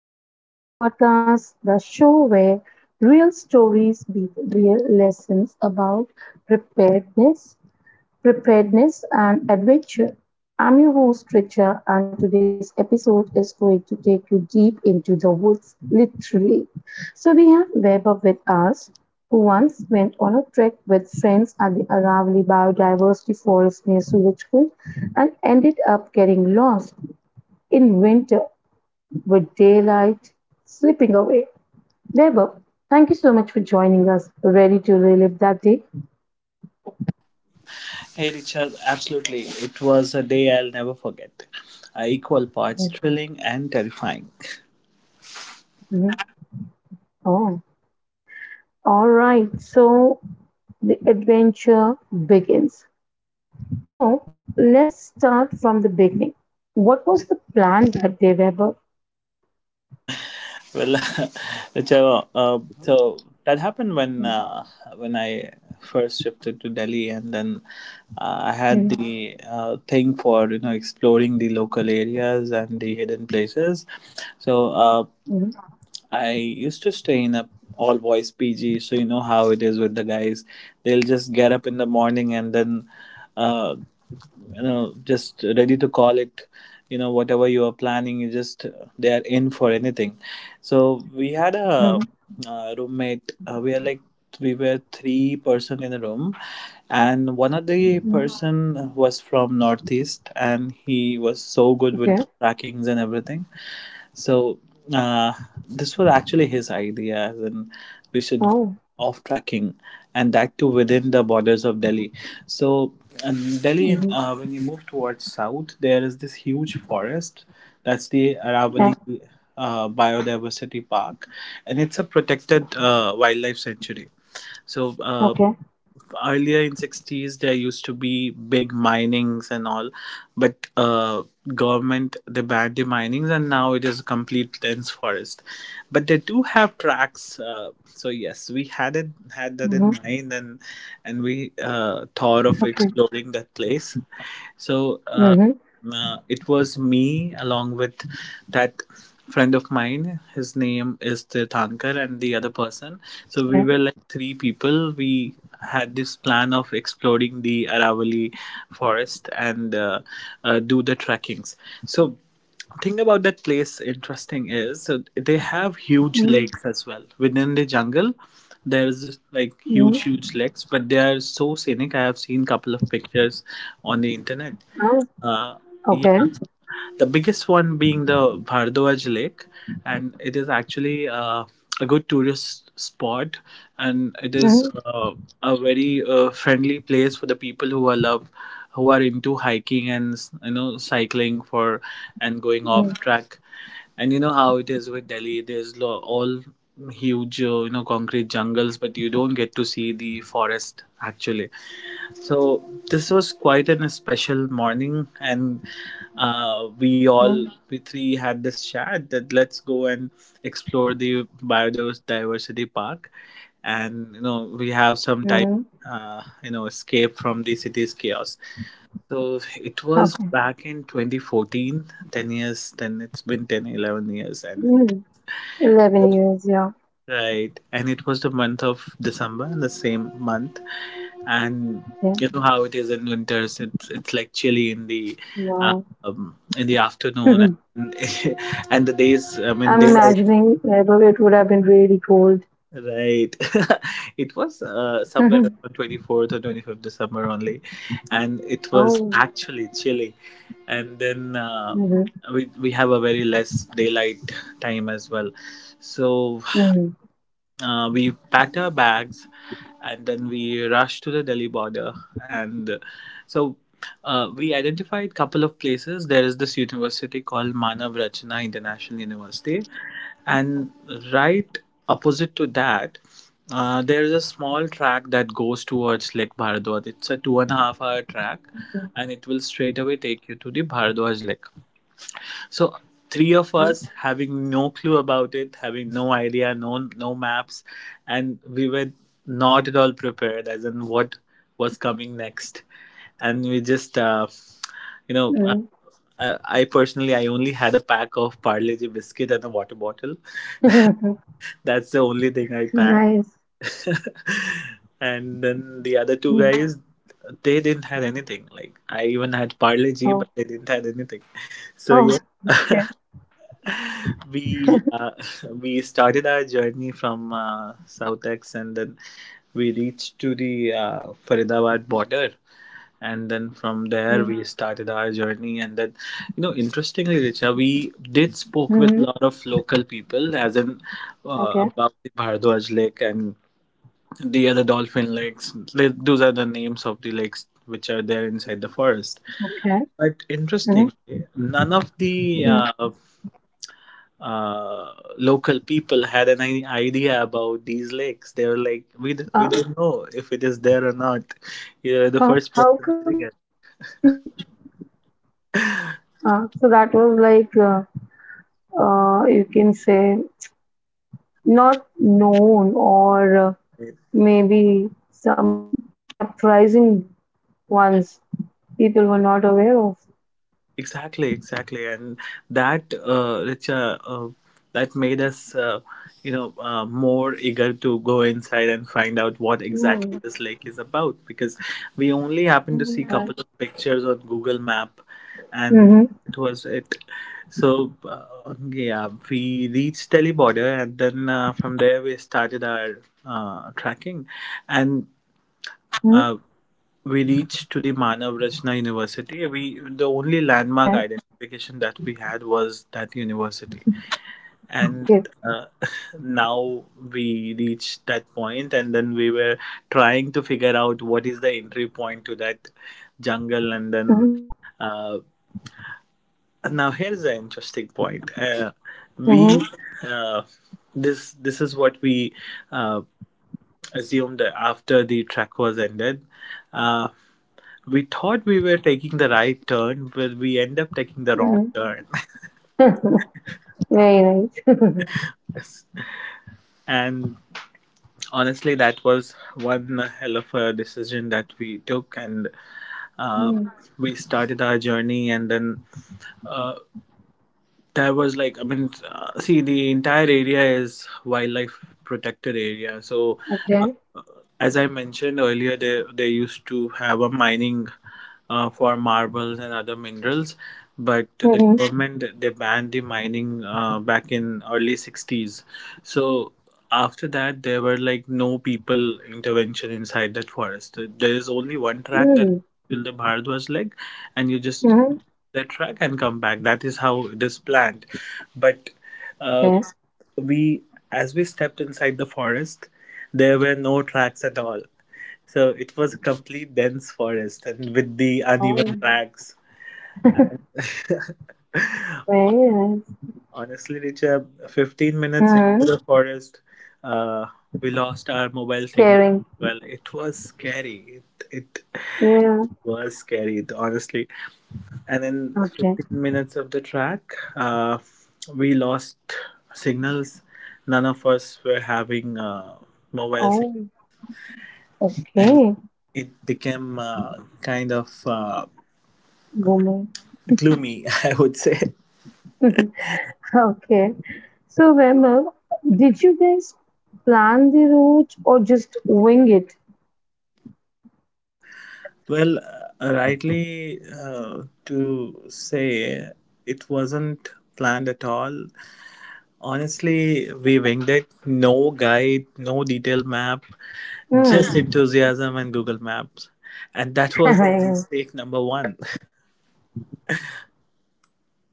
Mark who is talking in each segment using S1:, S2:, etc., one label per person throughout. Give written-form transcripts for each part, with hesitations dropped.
S1: to the Chas Podcast, the show where real stories beat real lessons about preparedness, preparedness and adventure. I'm your host Richa and today's episode is going to take you deep into the woods, literally. So we have Weber with us, who once went on a trek with friends at the Aravalli Biodiversity Forest near Surajkund and ended up getting lost in winter with daylight slipping away. Debo, thank you so much for joining us. Ready to relive that day?
S2: Hey Richard, absolutely. It was a day I'll never forget. Equal parts
S1: Yes.
S2: thrilling and terrifying.
S1: Mhm. Oh, all right. So the adventure begins. So let's start from the beginning. What was the plan that day, Weber?
S2: Well, Richard, so that happened when I first shifted to Delhi, and then I had
S1: Mm-hmm.
S2: the thing for exploring the local areas and the hidden places. So. Uh,
S1: Hmm.
S2: I used to stay in a all boys PG, so you know how it is with the guys. They'll just get up in the morning and then, uh, you know, just ready to call it. You know, whatever you are planning, you just they are in for anything. So we had a roommate. We are like we were three person in a room, and one of the
S1: Hmm.
S2: person was from northeast, and he was so good with the
S1: Okay.
S2: trackings and everything, so uh, this was actually his idea, as in we should go
S1: Oh.
S2: off tracking, and that too within the borders of Delhi. So Delhi,
S1: Mm-hmm.
S2: when you move towards south, there is this huge forest. That's the Aravalli
S1: Yeah.
S2: Biodiversity Park, and it's a protected wildlife sanctuary. So. Uh,
S1: Okay.
S2: Earlier in 60s there used to be big minings and all, but government they banned the minings and now it is a complete dense forest, but they do have tracks, so yes, we had it had that in
S1: Mm-hmm.
S2: mind, and we thought of
S1: Okay.
S2: exploring that place. so uh.
S1: Mm-hmm.
S2: It was me along with that friend of mine. His name is Tirthankar, and the other person. So we were
S1: Yeah.
S2: like three people. We had this plan of exploring the Aravali forest and do the trekkings. So thing about that place interesting is, they have huge lakes as well within the jungle. There's like huge
S1: Mm-hmm.
S2: huge lakes, but they are so scenic. I have seen couple of pictures on the internet.
S1: Oh.
S2: uh,
S1: Okay.
S2: yeah, the biggest one being the bhardwaj lake, and it is actually a good tourist spot, and it is a very friendly place for the people who are love who are into hiking and you know cycling for and going off
S1: Mm-hmm.
S2: track. And you know how it is with Delhi, there's all huge, you know, concrete jungles, but you don't get to see the forest actually. So this was quite a special morning, and we all we three had this chat that let's go and explore the biodiversity park, and you know we have some time,
S1: Mm-hmm.
S2: escape from the city's chaos. So it was
S1: Okay.
S2: back in 2014, 10 years, then it's been 10, 11 years, and
S1: Mm. 11 years, yeah.
S2: right, and it was the month of December, in the same month, and
S1: Okay.
S2: you know how it is in winters. It's like chilly
S1: Wow.
S2: in the afternoon,
S1: Mhm.
S2: and, and the days. I mean,
S1: I'm
S2: daylight.
S1: imagining it, it would have been really cold.
S2: Right, it was somewhere around 24th or 25th December only, and it was
S1: Oh.
S2: actually chilly, and then
S1: Hmm.
S2: we have a very less daylight time as well, so
S1: Hmm.
S2: We packed our bags and then we rushed to the Delhi border. And so we identified a couple of places. There is this university called Manav Rachna International University,
S1: Oh.
S2: and right opposite to that, there is a small track that goes towards Lake Bharadwaj. It's a two and a half hour track,
S1: Okay.
S2: and it will straight away take you to the Bharadwaj Lake. So three of us
S1: Hmm.
S2: having no clue about it, having no idea, no maps, and we were not at all prepared as in what was coming next, and we just you know. Uh, I personally, I only had a pack of Parle-G biscuit and a water bottle.
S1: Hmm.
S2: That's the only thing I packed.
S1: Nice.
S2: And then the other two
S1: Mm.
S2: guys, they didn't have anything. Like I even had Parle-G,
S1: Oh.
S2: but they didn't have anything. So yeah,
S1: Oh. Okay.
S2: we uh, we started our journey from Southex, and then we reached to the Faridabad border, and then from there we started our journey, and then you know, interestingly, Richa, we did spoke with
S1: Mm-hmm.
S2: a lot of local people, as in
S1: Okay.
S2: about the Bharadwaj lake and the other dolphin lakes. Those are the names of the lakes which are there inside the forest,
S1: Okay.
S2: but
S1: Mm-hmm.
S2: interestingly, none of the local people had an idea about these lakes. They were like, we, we
S1: Uh,
S2: don't know if it is there or not. You're the first
S1: how
S2: person doing
S1: come?
S2: it.
S1: So that was like, you can say, not known or maybe some surprising ones people were not aware of.
S2: Exactly, exactly, and that, Richa, that made us, more eager to go inside and find out what exactly
S1: Mm.
S2: this lake is about, because we only happened to see
S1: Yeah.
S2: couple of pictures on Google Map, and
S1: Mm-hmm.
S2: that was it. So yeah, we reached Delhi border, and then from there we started our tracking, and.
S1: Mm-hmm.
S2: Uh, we reached to the Manav Rachna University. We the only landmark
S1: That's
S2: identification that we had was that university, and
S1: good.
S2: uh, now we reached that point, and then we were trying to figure out what is the entry point to that jungle, and then
S1: Mm-hmm.
S2: uh, now here's the interesting point. We
S1: Mm-hmm.
S2: uh, this is what we uh, assumed after the track was ended. Uh, we thought we were taking the right turn, but we end up taking the wrong turn.
S1: Mm-hmm. Very nice.
S2: And honestly, that was one hell of a decision that we took, and uh,
S1: Mm.
S2: we started our journey. And then uh, there was like, I mean, see, the entire area is wildlife protected area, so uh,
S1: Okay.
S2: as I mentioned earlier, they used to have a mining for marbles and other minerals, but the
S1: Mm-hmm.
S2: government they banned the mining back in early sixties. So after that, there were like no people intervention inside that forest. There is only one track that
S1: Mm-hmm.
S2: till the Bharadwaj leg, and you just
S1: Mm-hmm.
S2: that track and come back. That is how it is planned, but. Uh,
S1: Okay.
S2: we as we stepped inside the forest, there were no tracks at all, so it was a complete dense forest and with the uneven
S1: Oh.
S2: tracks.
S1: Very nice.
S2: Honestly, Richa, 15 minutes into
S1: Mm-hmm.
S2: the forest, uh, we lost our mobile signal.
S1: Scaring.
S2: Well, it was scary, it,
S1: Yeah.
S2: it was scary honestly, and in
S1: Okay.
S2: 15 minutes of the track, uh, we lost signals. None of us were having, mobile signal,
S1: Oh,
S2: and
S1: okay.
S2: it became, kind of,
S1: Woman.
S2: gloomy, I would say.
S1: Okay. So, Vimal, did you guys plan the route or just wing it?
S2: Well, rightly to say, it wasn't planned at all. Honestly, we winged it. No guide, no detailed map,
S1: Hmm.
S2: just enthusiasm and Google Maps. And that was
S1: Well,
S2: mistake number one.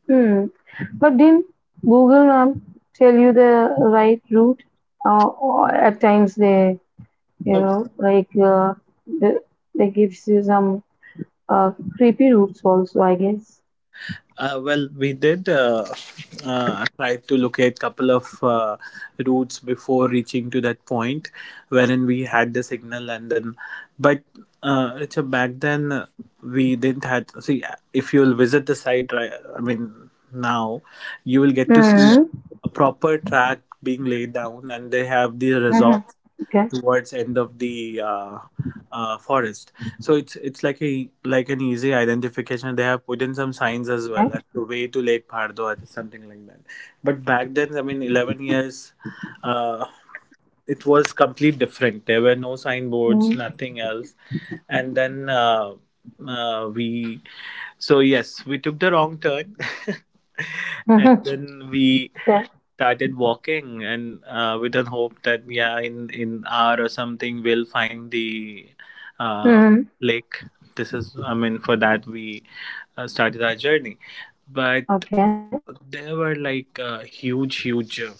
S1: hmm. But didn't Google Map tell you the right route? Or at times they, you know, like uh, the, they gives you some creepy routes also, I guess.
S2: Well, we did try to locate couple of routes before reaching to that point, wherein we had the signal, and then, but Richard, back then, we didn't had. See, if you'll visit the site, right? I mean, now you will get to see
S1: Hmm.
S2: a proper track being laid down, and they have the
S1: Hmm.
S2: resort
S1: Okay.
S2: towards end of the forest. So it's like a like an easy identification. They have put in some signs as well,
S1: Okay.
S2: like the way to Lake Bhardwaj or something like that. But back then, I mean, 11 years, uh, it was completely different. There were no signboards,
S1: Hmm.
S2: nothing else. And then we so yes, we took the wrong turn, and then we
S1: Okay.
S2: started walking, and with an hope that yeah, in hour or something, we'll find the uh,
S1: Hmm.
S2: lake. This is, I mean, for that we started our journey, but
S1: Okay.
S2: there were like huge, huge.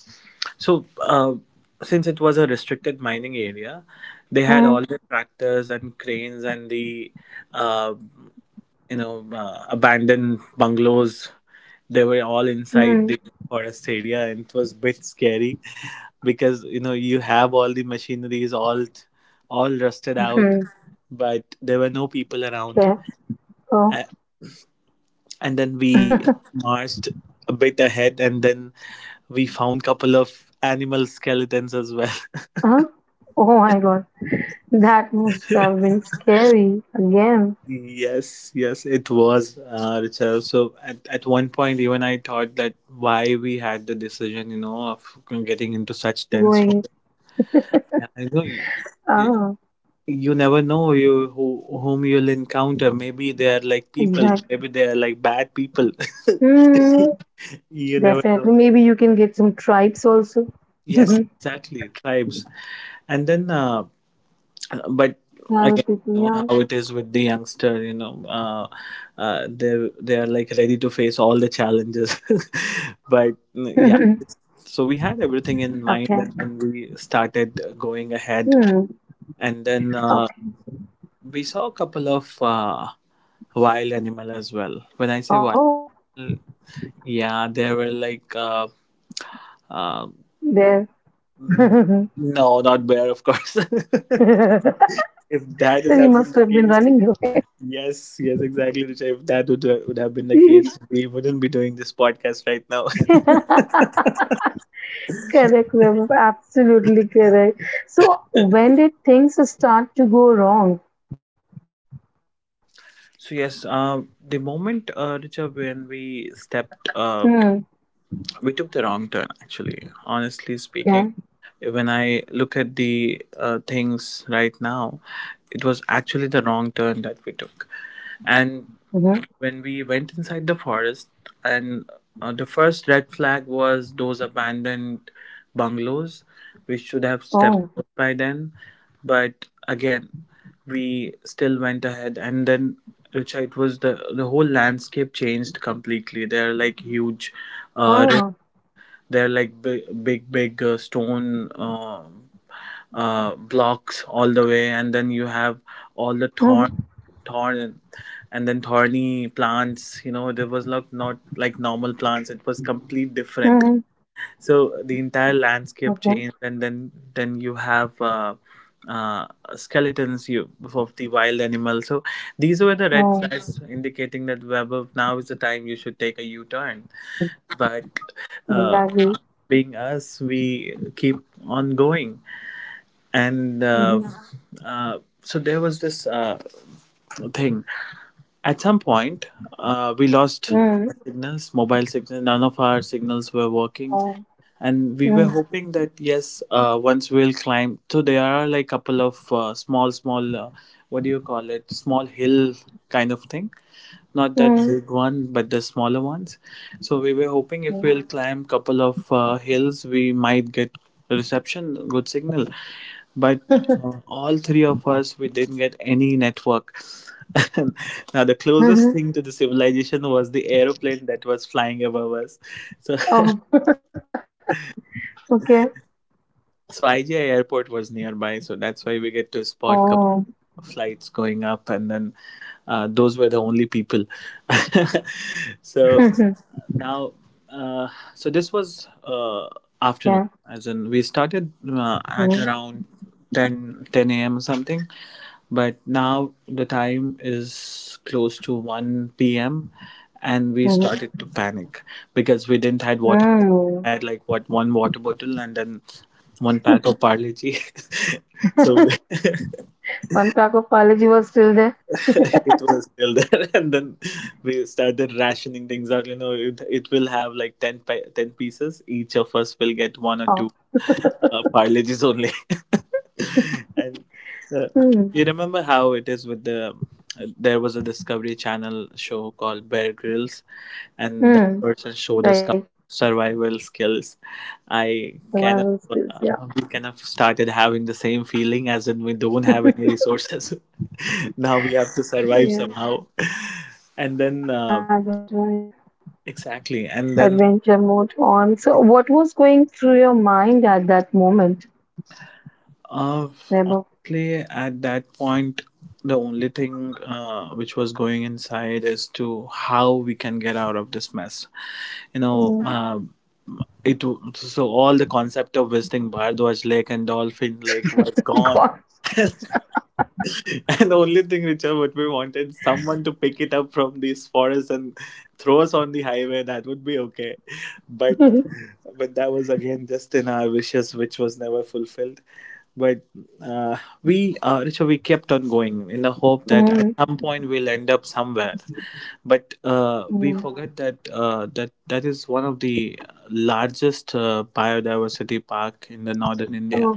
S2: so uh, since it was a restricted mining area, they had all
S1: Hmm.
S2: the tractors and cranes and the. Uh, you know, abandoned bungalows, they were all inside
S1: Hmm.
S2: the forest area, and it was a bit scary because you know you have all the machineries, all rusted out, but there were no people around.
S1: Okay.
S2: A-
S1: Oh.
S2: and then we marched a bit ahead, and then we found couple of animal skeletons as well.
S1: Huh? Oh my god, that must have been scary again.
S2: Yes, yes, it was, Richard. So at one point, even I thought that why we had the decision, you know, of getting into such dense
S1: Going,
S2: forest. Yeah, I know you, yeah,
S1: ah,
S2: you never know you whom you'll encounter. Maybe they are like people.
S1: exactly.
S2: Maybe they are like bad people.
S1: Hmm,
S2: You never know.
S1: definitely. Maybe you can get some tribes also.
S2: Yes,
S1: Tribal
S2: exactly, tribes. And then but again, you know how
S1: people,
S2: it is with the youngster. They are like ready to face all the challenges. But yeah,
S1: yeah.
S2: so we had everything in mind
S1: Okay.
S2: and then we started going ahead.
S1: Hmm.
S2: and then uh,
S1: Okay.
S2: we saw a couple of wild animal as well. When I say wild,
S1: Oh,
S2: yeah, they were like uh,
S1: there.
S2: mm, no, not bear, of course.
S1: He
S2: If that would have
S1: must
S2: been the
S1: have been
S2: case...
S1: running away.
S2: Yes, yes, exactly, Richa. If that would have been the case, we wouldn't be doing this podcast right now.
S1: Correct, Vaibhav. Absolutely correct. So, when did things start to go wrong?
S2: So yes, the moment, Richa, when we stepped,
S1: Hmm.
S2: we took the wrong turn. Actually, honestly speaking,
S1: Okay.
S2: when I look at the things right now, it was actually the wrong turn that we took. And
S1: Mm-hmm.
S2: when we went inside the forest, and the first red flag was those abandoned bungalows. We should have stepped
S1: Oh,
S2: out by then. But again, we still went ahead, and then, Richa, it was the whole landscape changed completely. There are like huge uh,
S1: ah,
S2: they're like big, big, big stone, blocks all the way, and then you have all the thorn,
S1: mhm,
S2: thorn, and then thorny plants. You know, there was not like normal plants. It was complete different.
S1: mhm,
S2: So the entire landscape
S1: okay,
S2: changed, and then you have uh, skeletons, of the wild animals. So these were the red
S1: oh,
S2: flags indicating that, Webber, now is the time you should take a U turn.
S1: mhm,
S2: But uh,
S1: exactly,
S2: being us, we keep on going, and uh,
S1: mhm,
S2: uh, so there was this thing. At some point, we lost our
S1: mhm,
S2: signals, mobile signals. None of our signals were working,
S1: oh,
S2: and we were
S1: mhm,
S2: hoping that yes, once we'll climb, so there are like couple of small what do you call it, small hill kind of thing. Not that
S1: mhm,
S2: big one, but the smaller ones. So we were hoping if
S1: mhm,
S2: we'll climb couple of hills, we might get reception, good signal. But all three of us, we didn't get any network. Now the closest
S1: mhm,
S2: thing to the civilization was the aeroplane that was flying above us. So
S1: oh, okay,
S2: so IGI airport was nearby, so that's why we get to spot couple
S1: oh,
S2: of flights going up. And then those were the only people. So
S1: mhm,
S2: now, uh, so this was afternoon.
S1: okay,
S2: As in, we started at
S1: mhm,
S2: around 10 10 a.m. or something, but now the time is close to 1 p.m., and we
S1: mhm,
S2: started to panic because we didn't had water. We
S1: mhm.
S2: had like what, one water bottle and then one pack of parle G. So
S1: One pack of Palaji was still there.
S2: it was still there. And then we started rationing things out. You know, it will have like 10 10 pieces. Each of us will get one or two
S1: Oh,
S2: parleges only. And uh, you
S1: mm,
S2: remember how it is with the... There was a discovery channel show called Bear Grylls, and that
S1: mm,
S2: person showed us
S1: right,
S2: couple of survival skills. i kind of
S1: survival skills,
S2: uh,
S1: yeah.
S2: we kind of started having the same feeling, as in we don't have any resources. Now we have to survive
S1: Yeah,
S2: somehow. And then,
S1: that was right.
S2: exactly. And then,
S1: Adventure mode on. So, what was going through your mind at that moment,
S2: uh,
S1: Nebo?
S2: Honestly, at that point, the only thing which was going inside is to how we can get out of this mess. You know, so all the concept of visiting Bardwaj Lake and Dolphin Lake was gone.
S1: God.
S2: And the only thing, Richard, what we wanted someone to pick it up from these forests and throw us on the highway. That would be okay, but
S1: Yeah,
S2: but that was again just in our wishes, which was never fulfilled. But uh, we, Richa, we kept on going in the hope that at
S1: yeah.
S2: some point we'll end up somewhere. But we
S1: Oh,
S2: forget that that is one of the largest biodiversity park in the northern India.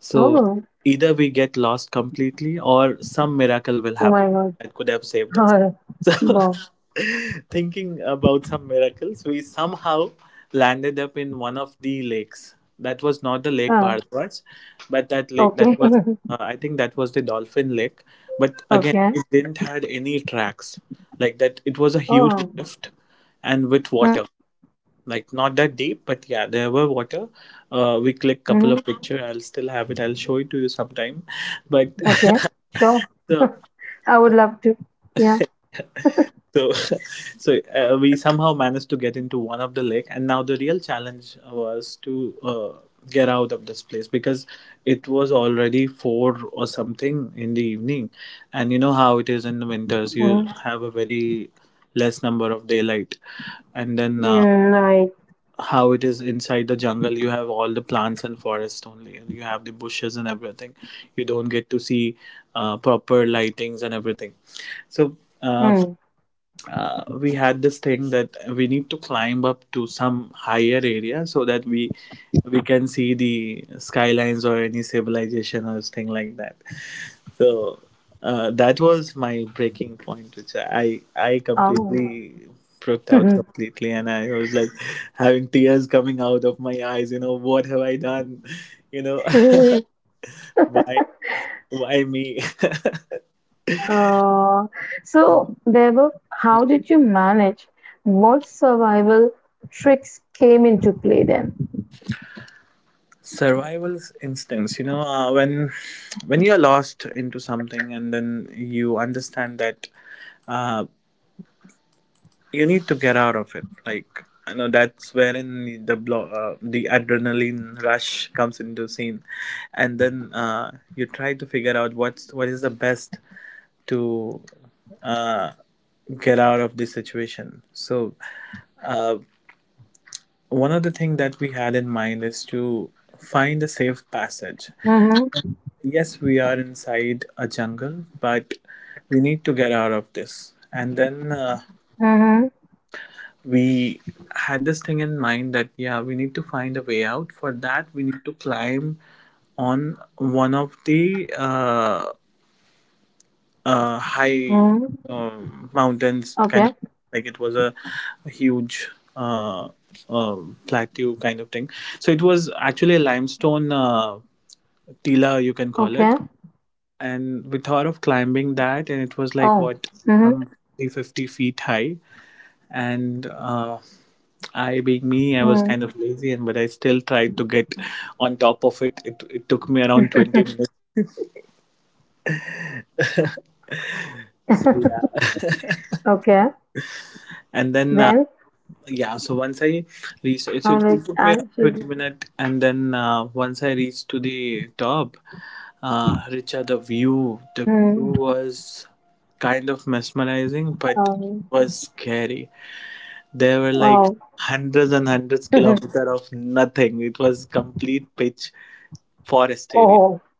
S2: So
S1: oh,
S2: either we get lost completely, or some miracle will
S1: oh
S2: happen
S1: my God.
S2: that could have saved us.
S1: Oh,
S2: So
S1: Bob.
S2: thinking about some miracles, we somehow landed up in one of the lakes. That was not the Lake
S1: Oh,
S2: Bharadwaj, but that lake that
S1: okay,
S2: was, I think, that was the Dolphin Lake. But again,
S1: okay.
S2: it didn't had any tracks like that. It was a huge
S1: Oh,
S2: rift and with
S1: mm-hmm,
S2: water, like not that deep, but yeah, there were water. We click
S1: mm-hmm.
S2: couple of picture. I'll still have it, I'll show it to you sometime. But
S1: Okay, sure.
S2: so
S1: I would love to. Yeah.
S2: so so we somehow managed to get into one of the lake, and now the real challenge was to get out of this place, because it was already four or something in the evening. And you know how it is in the winters,
S1: Mm,
S2: you have a very less number of daylight. And then
S1: mm, right.
S2: how it is inside the jungle, you have all the plants and forest only, you have the bushes and everything. You don't get to see proper lightings and everything. So uh,
S1: Mm.
S2: we had this thing that we need to climb up to some higher area, so that we can see the skylines or any civilization or thing like that. So that was my breaking point, which I
S1: Oh.
S2: completely freaked out completely, and I was like having tears coming out of my eyes. You know, what have I done, you know? why why me?
S1: uh, so, Bebo, how did you manage? What survival tricks came into play then?
S2: Survival instincts, you know, when you're lost into something and then you understand that uh, you need to get out of it, like, you know, that's wherein the the adrenaline rush comes into scene. And then you try to figure out what's what is the best to uh, get out of this situation. So uh, one of the things that we had in mind is to find a safe passage.
S1: Mm-hmm.
S2: Yes, we are inside a jungle, but we need to get out of this. And then
S1: Mm-hmm.
S2: we had this thing in mind that, yeah, we need to find a way out. For that, we need to climb on one of the high uh,
S1: Mm-hmm.
S2: mountains, kind of. Like, it
S1: Okay.
S2: was a huge uh, plateau kind of thing. So it was actually a limestone tila, you can call it.
S1: Okay.
S2: And we thought of climbing
S1: Oh.
S2: that, and it was
S1: Mm-hmm.
S2: like, what, um 50 feet high. And I, being me, I was
S1: Mm-hmm.
S2: kind of lazy, and but I still tried to get on top of it. It took me around 20 minutes, so yeah.
S1: Okay.
S2: And then
S1: Then
S2: yeah, so once I reached it, it
S1: I'm like
S2: took me around
S1: I'm
S2: 20
S1: just
S2: minutes, and then, once I reached to the top, Richard, the view
S1: mm,
S2: was kind of mesmerizing, but
S1: um,
S2: was scary. There were like
S1: wow.
S2: hundreds and hundreds kilometers of nothing. It was complete pitch forest area
S1: Oh, oh,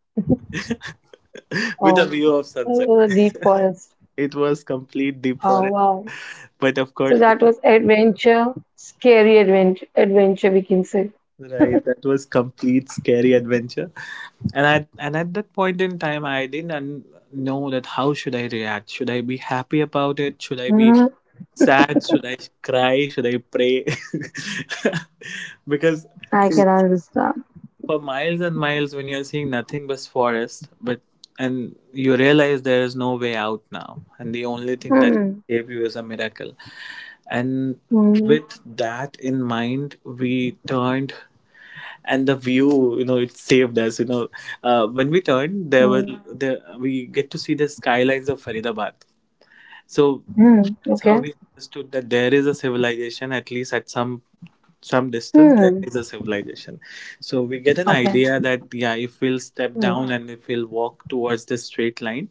S2: with a
S1: oh,
S2: view of sunset.
S1: the deep forest.
S2: It was complete deep forest.
S1: Oh wow.
S2: But of course,
S1: So that was adventure, scary adventure we can say.
S2: right, that was complete scary adventure. And at that point in time, I didn't know that how should I react. Should I be happy about it? Should I be
S1: Hmm.
S2: sad? Should I cry? Should I pray? Because
S1: I
S2: see,
S1: can understand.
S2: for miles and miles, when you're seeing nothing but forest, but, and you realize there is no way out now, and the only thing that
S1: Mm-hmm.
S2: can save you is a miracle. And
S1: Mm-hmm.
S2: with that in mind, we turned, and the view, you know, it saved us, you know. When we turned, there were
S1: Mm-hmm.
S2: there we get to see the skylines of Faridabad. So
S1: Hmm.
S2: that's how
S1: Okay.
S2: we understood that there is a civilization, at least at some distance, there
S1: Hmm,
S2: is a civilization. So we get an
S1: okay.
S2: idea that yeah, if we'll step
S1: Hmm.
S2: down, and if we'll walk towards the straight line,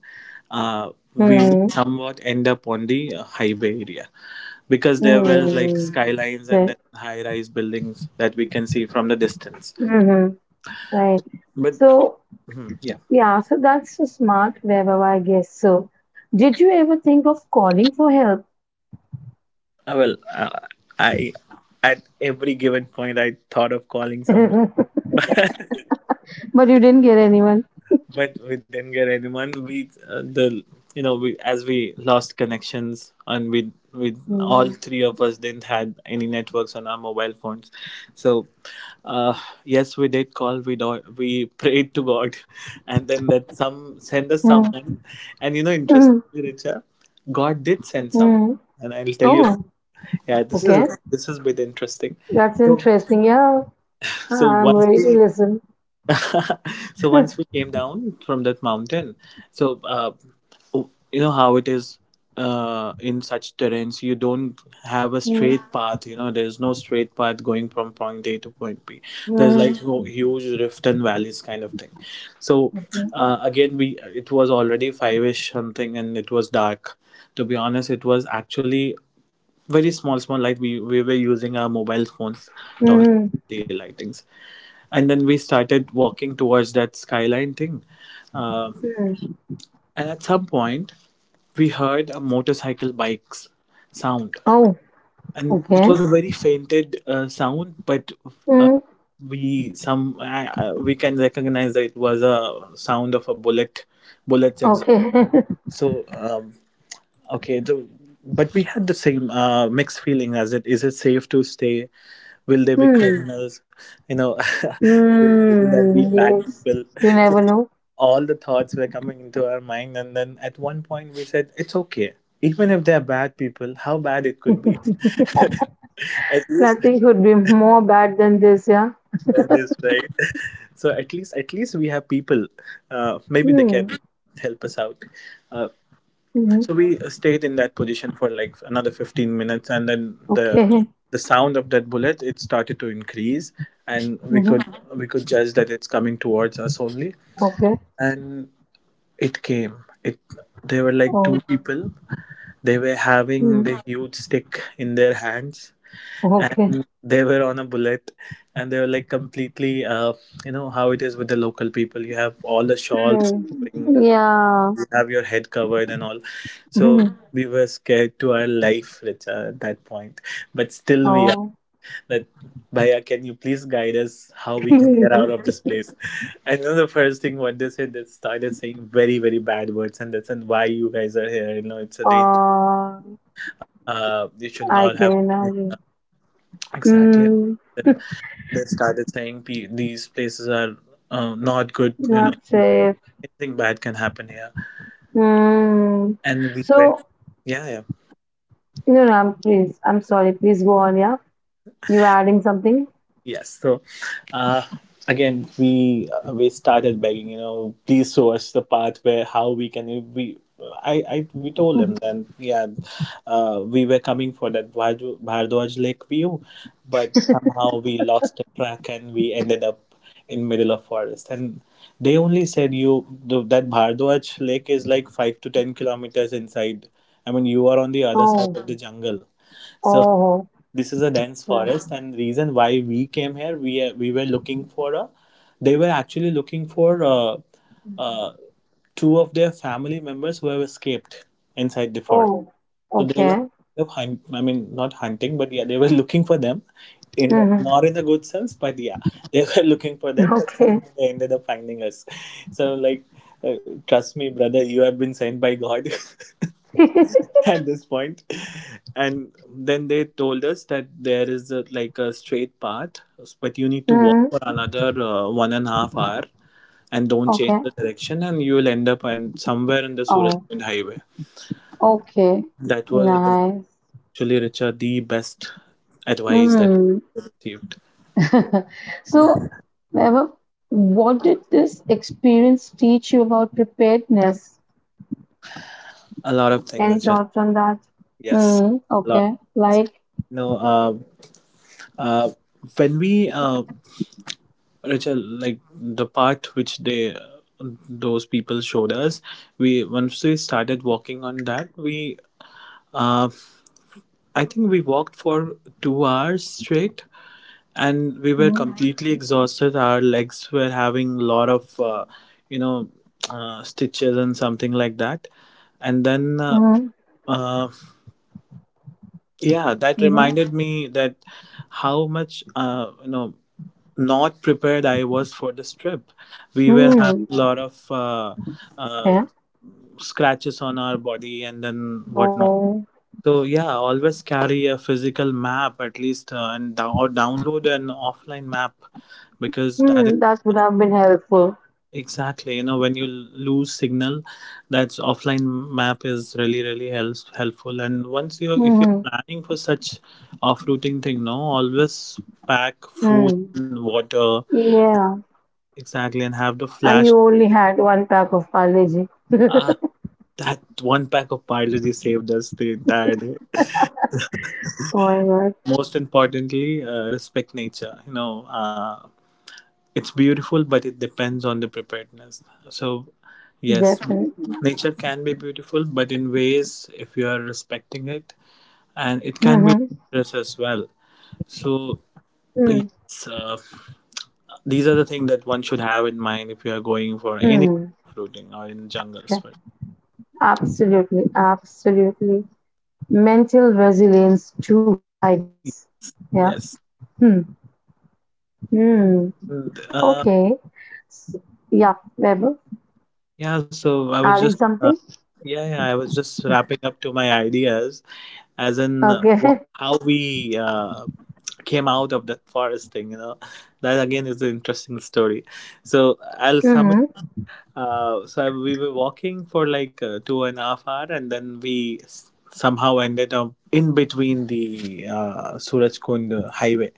S2: uh, we will
S1: Hmm.
S2: somewhat end up on the highway area, because there were like
S1: Hmm.
S2: skylines and
S1: Right.
S2: then high-rise buildings that we can see from the distance.
S1: Hmm. Right.
S2: But
S1: So,
S2: mhm, yeah,
S1: yeah, so that's so smart wherever I guess. So, did you ever think of calling for help?
S2: Well, I at every given point I thought of calling someone.
S1: But you didn't get anyone.
S2: But we didn't get anyone. We the you know, we, as we lost connections, and we
S1: Hmm.
S2: all three of us didn't had any networks on our mobile phones, so. Uh, yes, we did call. We prayed to God, and then that some send us
S1: Hmm.
S2: someone. And you know,
S1: Hmm.
S2: interestingly, Richa, God did send someone,
S1: Mm.
S2: and I'll tell you.
S1: Oh,
S2: Yeah,
S1: okay.
S2: this has been interesting.
S1: That's
S2: So
S1: interesting. Yeah,
S2: so once
S1: I'm ready
S2: we
S1: to listen.
S2: so once we came down from that mountain, so you know how it is in such terrains. You don't have a
S1: Hmm.
S2: straight path. You know, there is no straight path going from point A to point B. There's
S1: Hmm.
S2: like no huge rift and valleys kind of thing. So
S1: Okay.
S2: again, we, it was already five ish something, and it was dark. To be honest, it was actually very small, small light. We were using our mobile phones torch,
S1: Hmm.
S2: day lightings, and then we started walking towards that skyline thing. Um,
S1: Hmm. Hmm.
S2: and at some point, we heard a motorcycle bike's sound,
S1: Oh,
S2: and it
S1: okay.
S2: was a very fainted sound, but uh,
S1: Hmm.
S2: we some we can recognize that it was a sound of a bullet, bullets exhaust.
S1: Okay.
S2: So um, okay, the, but we had the same mixed feeling as it is it safe to stay? Will they be
S1: Hmm.
S2: criminals? You know, will that be
S1: Mm,
S2: bad
S1: yes,
S2: people?
S1: you
S2: So
S1: never know.
S2: all the thoughts were coming into our mind, and then at one point we said it's okay, even if they're bad people, how bad it could be. At least
S1: Nothing could be more bad than this, yeah.
S2: they're this, right? So at least we have people, maybe they can
S1: Mm,
S2: help us out. uh, so
S1: mm-hmm.
S2: we stayed in that position for like another 15 minutes, and then the
S1: Okay.
S2: the sound of that bullet it started to increase, and we
S1: Mm-hmm.
S2: could we could judge that it's coming towards us only.
S1: Okay.
S2: And it came, it there were like two
S1: Oh.
S2: people. They were having the
S1: Mm.
S2: huge stick in their hands,
S1: Okay.
S2: and they were on a bullet, and they were like completely, you know, how it is with the local people. You have all the shawls,
S1: Mm.
S2: covering,
S1: Yeah.
S2: you have your head covered and all. So
S1: Hmm.
S2: we were scared to our life, Richa, at that point. But still, we are
S1: Oh.
S2: that. Bhaiya, can you please guide us how we can get out of this place? I know the first thing what they said, they started saying very, very bad words, and that's and why you guys are here. You know, it's a danger,
S1: oh.
S2: you should not
S1: I
S2: have
S1: can imagine.
S2: exactly.
S1: Mm.
S2: Then they started saying, "P- these places are not good. You
S1: Not
S2: know,
S1: safe.
S2: anything bad can happen here."
S1: Mm.
S2: And we went,
S1: So,
S2: yeah, yeah,
S1: no, no, please. I'm sorry. Please go on. Yeah. You were adding something?
S2: yes. So Uh, again, we started begging, you know, please show us the path where how we can we. I we told him
S1: Mhm.
S2: then, yeah, we were coming for that Bhardwaj Lake view, but somehow we lost the track and we ended up in middle of forest. And they only said you the, that Bhardwaj Lake is like 5 to 10 kilometers inside. I mean, you are on the other side
S1: Oh.
S2: of the jungle. So
S1: Oh.
S2: this is a dense forest, and reason why we came here we were looking for a, they were actually looking for uh, two of their family members who have escaped inside the forest.
S1: Oh,
S2: So they were
S1: okay.
S2: kind of hunt, I mean not hunting, but yeah, they were looking for them in,
S1: Mm-hmm.
S2: not in a good sense, but yeah, they were looking for them, but
S1: Okay.
S2: somehow they ended up finding us. So like, uh, trust me brother, you have been sent by god. At this point. And then they told us that there is a, like a straight path, but you need to walk for
S1: Mm-hmm.
S2: another 1.5 hours, and don't change
S1: Okay.
S2: the direction, and you will end up and somewhere in the Surat
S1: Oh,
S2: Kund highway.
S1: okay.
S2: That was
S1: Nice.
S2: actually, richard, the best advice that we
S1: Mm.
S2: received.
S1: So, Vaibhav, what did this experience teach you about preparedness?
S2: A lot of things,
S1: Any
S2: richard.
S1: thoughts on that?
S2: Yes,
S1: Mm.
S2: a lot.
S1: Okay. Like,
S2: No, uh, uh when we Rachel, like the part which they, those people showed us, we, once we started walking on that, we uh, I think we walked for 2 hours straight, and we were
S1: mm-hmm.
S2: completely exhausted. Our legs were having a lot of you know, stitches and something like that, and then
S1: Mm-hmm.
S2: uh, yeah, that reminded me that how much you know, not prepared I was for this trip. We were
S1: Mm-hmm.
S2: having a
S1: Mm.
S2: lot of uh,
S1: Okay.
S2: scratches on our body and then whatnot.
S1: Oh,
S2: So yeah, always carry a physical map at least, and or download an offline map, because that is
S1: mm. That would have been helpful.
S2: exactly, you know, when you lose signal, that's offline map is really really helps helpful. And once you, if you're
S1: Mm-hmm.
S2: planning for such off routing thing, no, always pack food
S1: Mm.
S2: and water
S1: Yeah.
S2: exactly, and have the
S1: And
S2: flash.
S1: you only had one pack of Parleji.
S2: Ah,
S1: Oh
S2: that one pack of Parle-G saved us the entire day.
S1: my god.
S2: Most importantly, respect nature. You know, it's beautiful, but it depends on the preparedness. So, yes,
S1: Definitely.
S2: nature can be beautiful, but in ways if you are respecting it, and it can be
S1: Mm-hmm.
S2: dangerous as well. So,
S1: Mm.
S2: yes, these are the things that one should have in mind if you are going for any
S1: Mm.
S2: fruiting or in
S1: Yeah.
S2: jungles. But
S1: Absolutely. Absolutely. Mental resilience too, I guess. Yeah.
S2: yes.
S1: Hmm. Hmm. Okay. S- yeah, Weber.
S2: Yeah, so I was
S1: Adding
S2: just,
S1: something?
S2: yeah, yeah, I was just wrapping up to my ideas, as in
S1: Okay.
S2: how we came out of that forest thing. You know, that again is an interesting story. So I'll sum it.
S1: Mm-hmm.
S2: We were walking for like 2.5 hours, and then somehow ended up in between the Suraj Kund highway.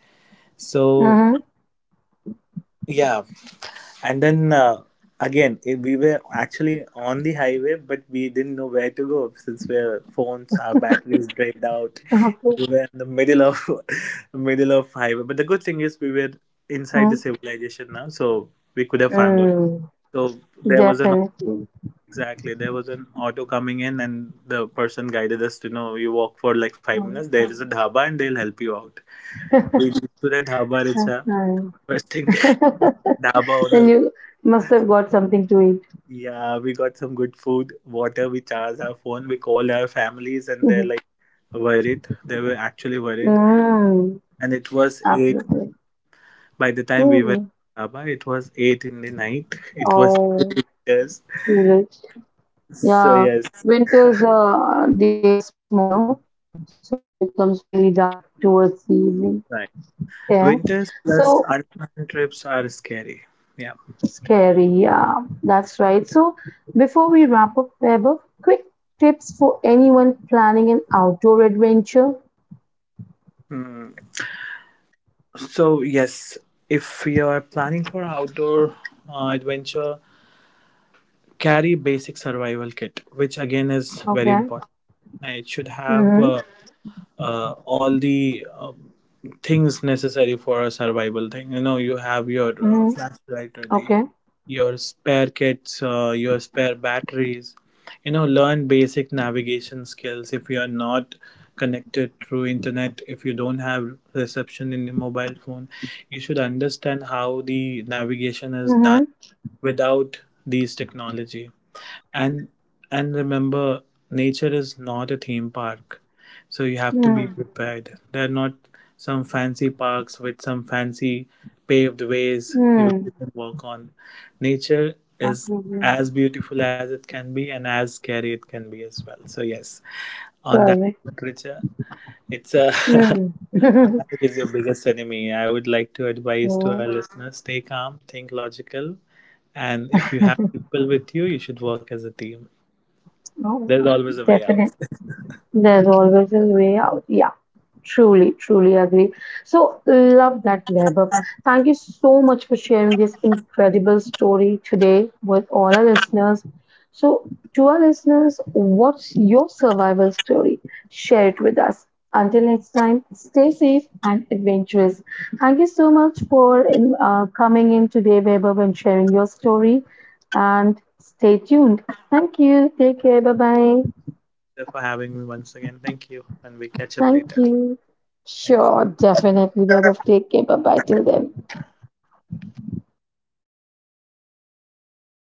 S2: So.
S1: Mm-hmm.
S2: Yeah. And then again, we were actually on the highway, but we didn't know where to go since our phones, our batteries drained out. We
S1: Okay.
S2: were in the middle of middle of highway. But the good thing is we were inside the
S1: Mm.
S2: civilization now, so we could have found out.
S1: Mm.
S2: So there was an,
S1: Definitely.
S2: exactly there was an auto coming in, and the person guided us to know you walk for like five
S1: Mm.
S2: minutes. There is a dhaba, and they'll help you out. We reached to the dhaba, it's
S1: That's
S2: a
S1: nice.
S2: first thing. Dhaba
S1: Then
S2: owner.
S1: you must have got something to eat.
S2: Yeah, we got some good food, water, we charged our phone, we called our families and they're
S1: Mhm.
S2: like worried. They were actually worried.
S1: Mm,
S2: And it was 8
S1: absolutely.
S2: by the time we were in
S1: Mm.
S2: Sabah, it was 8 in the night. It was
S1: Oh,
S2: winters.
S1: too rich.
S2: So yes,
S1: Yeah, winters days are small, no? So it becomes really dark towards the
S2: right.
S1: evening. Yeah.
S2: Winters plus
S1: So
S2: unplanned trips are scary. Yeah.
S1: scary. Yeah, that's right. So before we wrap up, Weber, quick tips for anyone planning an outdoor adventure.
S2: Hmm. So yes, if you're planning for outdoor adventure, carry basic survival kit, which again is very important.
S1: Okay.
S2: It should have
S1: Mm-hmm.
S2: all the things necessary for a survival thing, you know, you have your
S1: Mm-hmm.
S2: flashlight, or the
S1: Okay.
S2: your spare kits, your spare batteries. You know, learn basic navigation skills if you are not connected through internet, if you don't have reception in the mobile phone, you should understand how the navigation is done
S1: Mm-hmm.
S2: without these technology. And remember, nature is not a theme park, so you have to be
S1: Mm-hmm.
S2: prepared. They're not some fancy parks with some fancy paved ways you
S1: Mm-hmm.
S2: can walk on. Nature is
S1: Absolutely.
S2: as beautiful as it can be, and as scary it can be as well. So yes, on that
S1: Sorry.
S2: note, Richa, it's a
S1: Mm. Yeah.
S2: is your biggest enemy. I would like to advise
S1: Oh,
S2: to our listeners: stay calm, think logical, and if you have people with you, you should work as a team. There's always a way
S1: definitely.
S2: out.
S1: There's always a way out. Yeah, truly, truly agree. So, love that, Vaibhav. Thank you so much for sharing this incredible story today with all our listeners. So, to our listeners, what's your survival story? Share it with us. Until next time, stay safe and adventurous. Thank you so much for coming in today, Vaibhav, and sharing your story. And stay tuned. Thank you. Take care. Bye bye.
S2: For having me once again. Thank you, and we catch up later.
S1: Thank you.
S2: Bye.
S1: Sure, definitely, Vaibhav. Take care. Bye bye till then.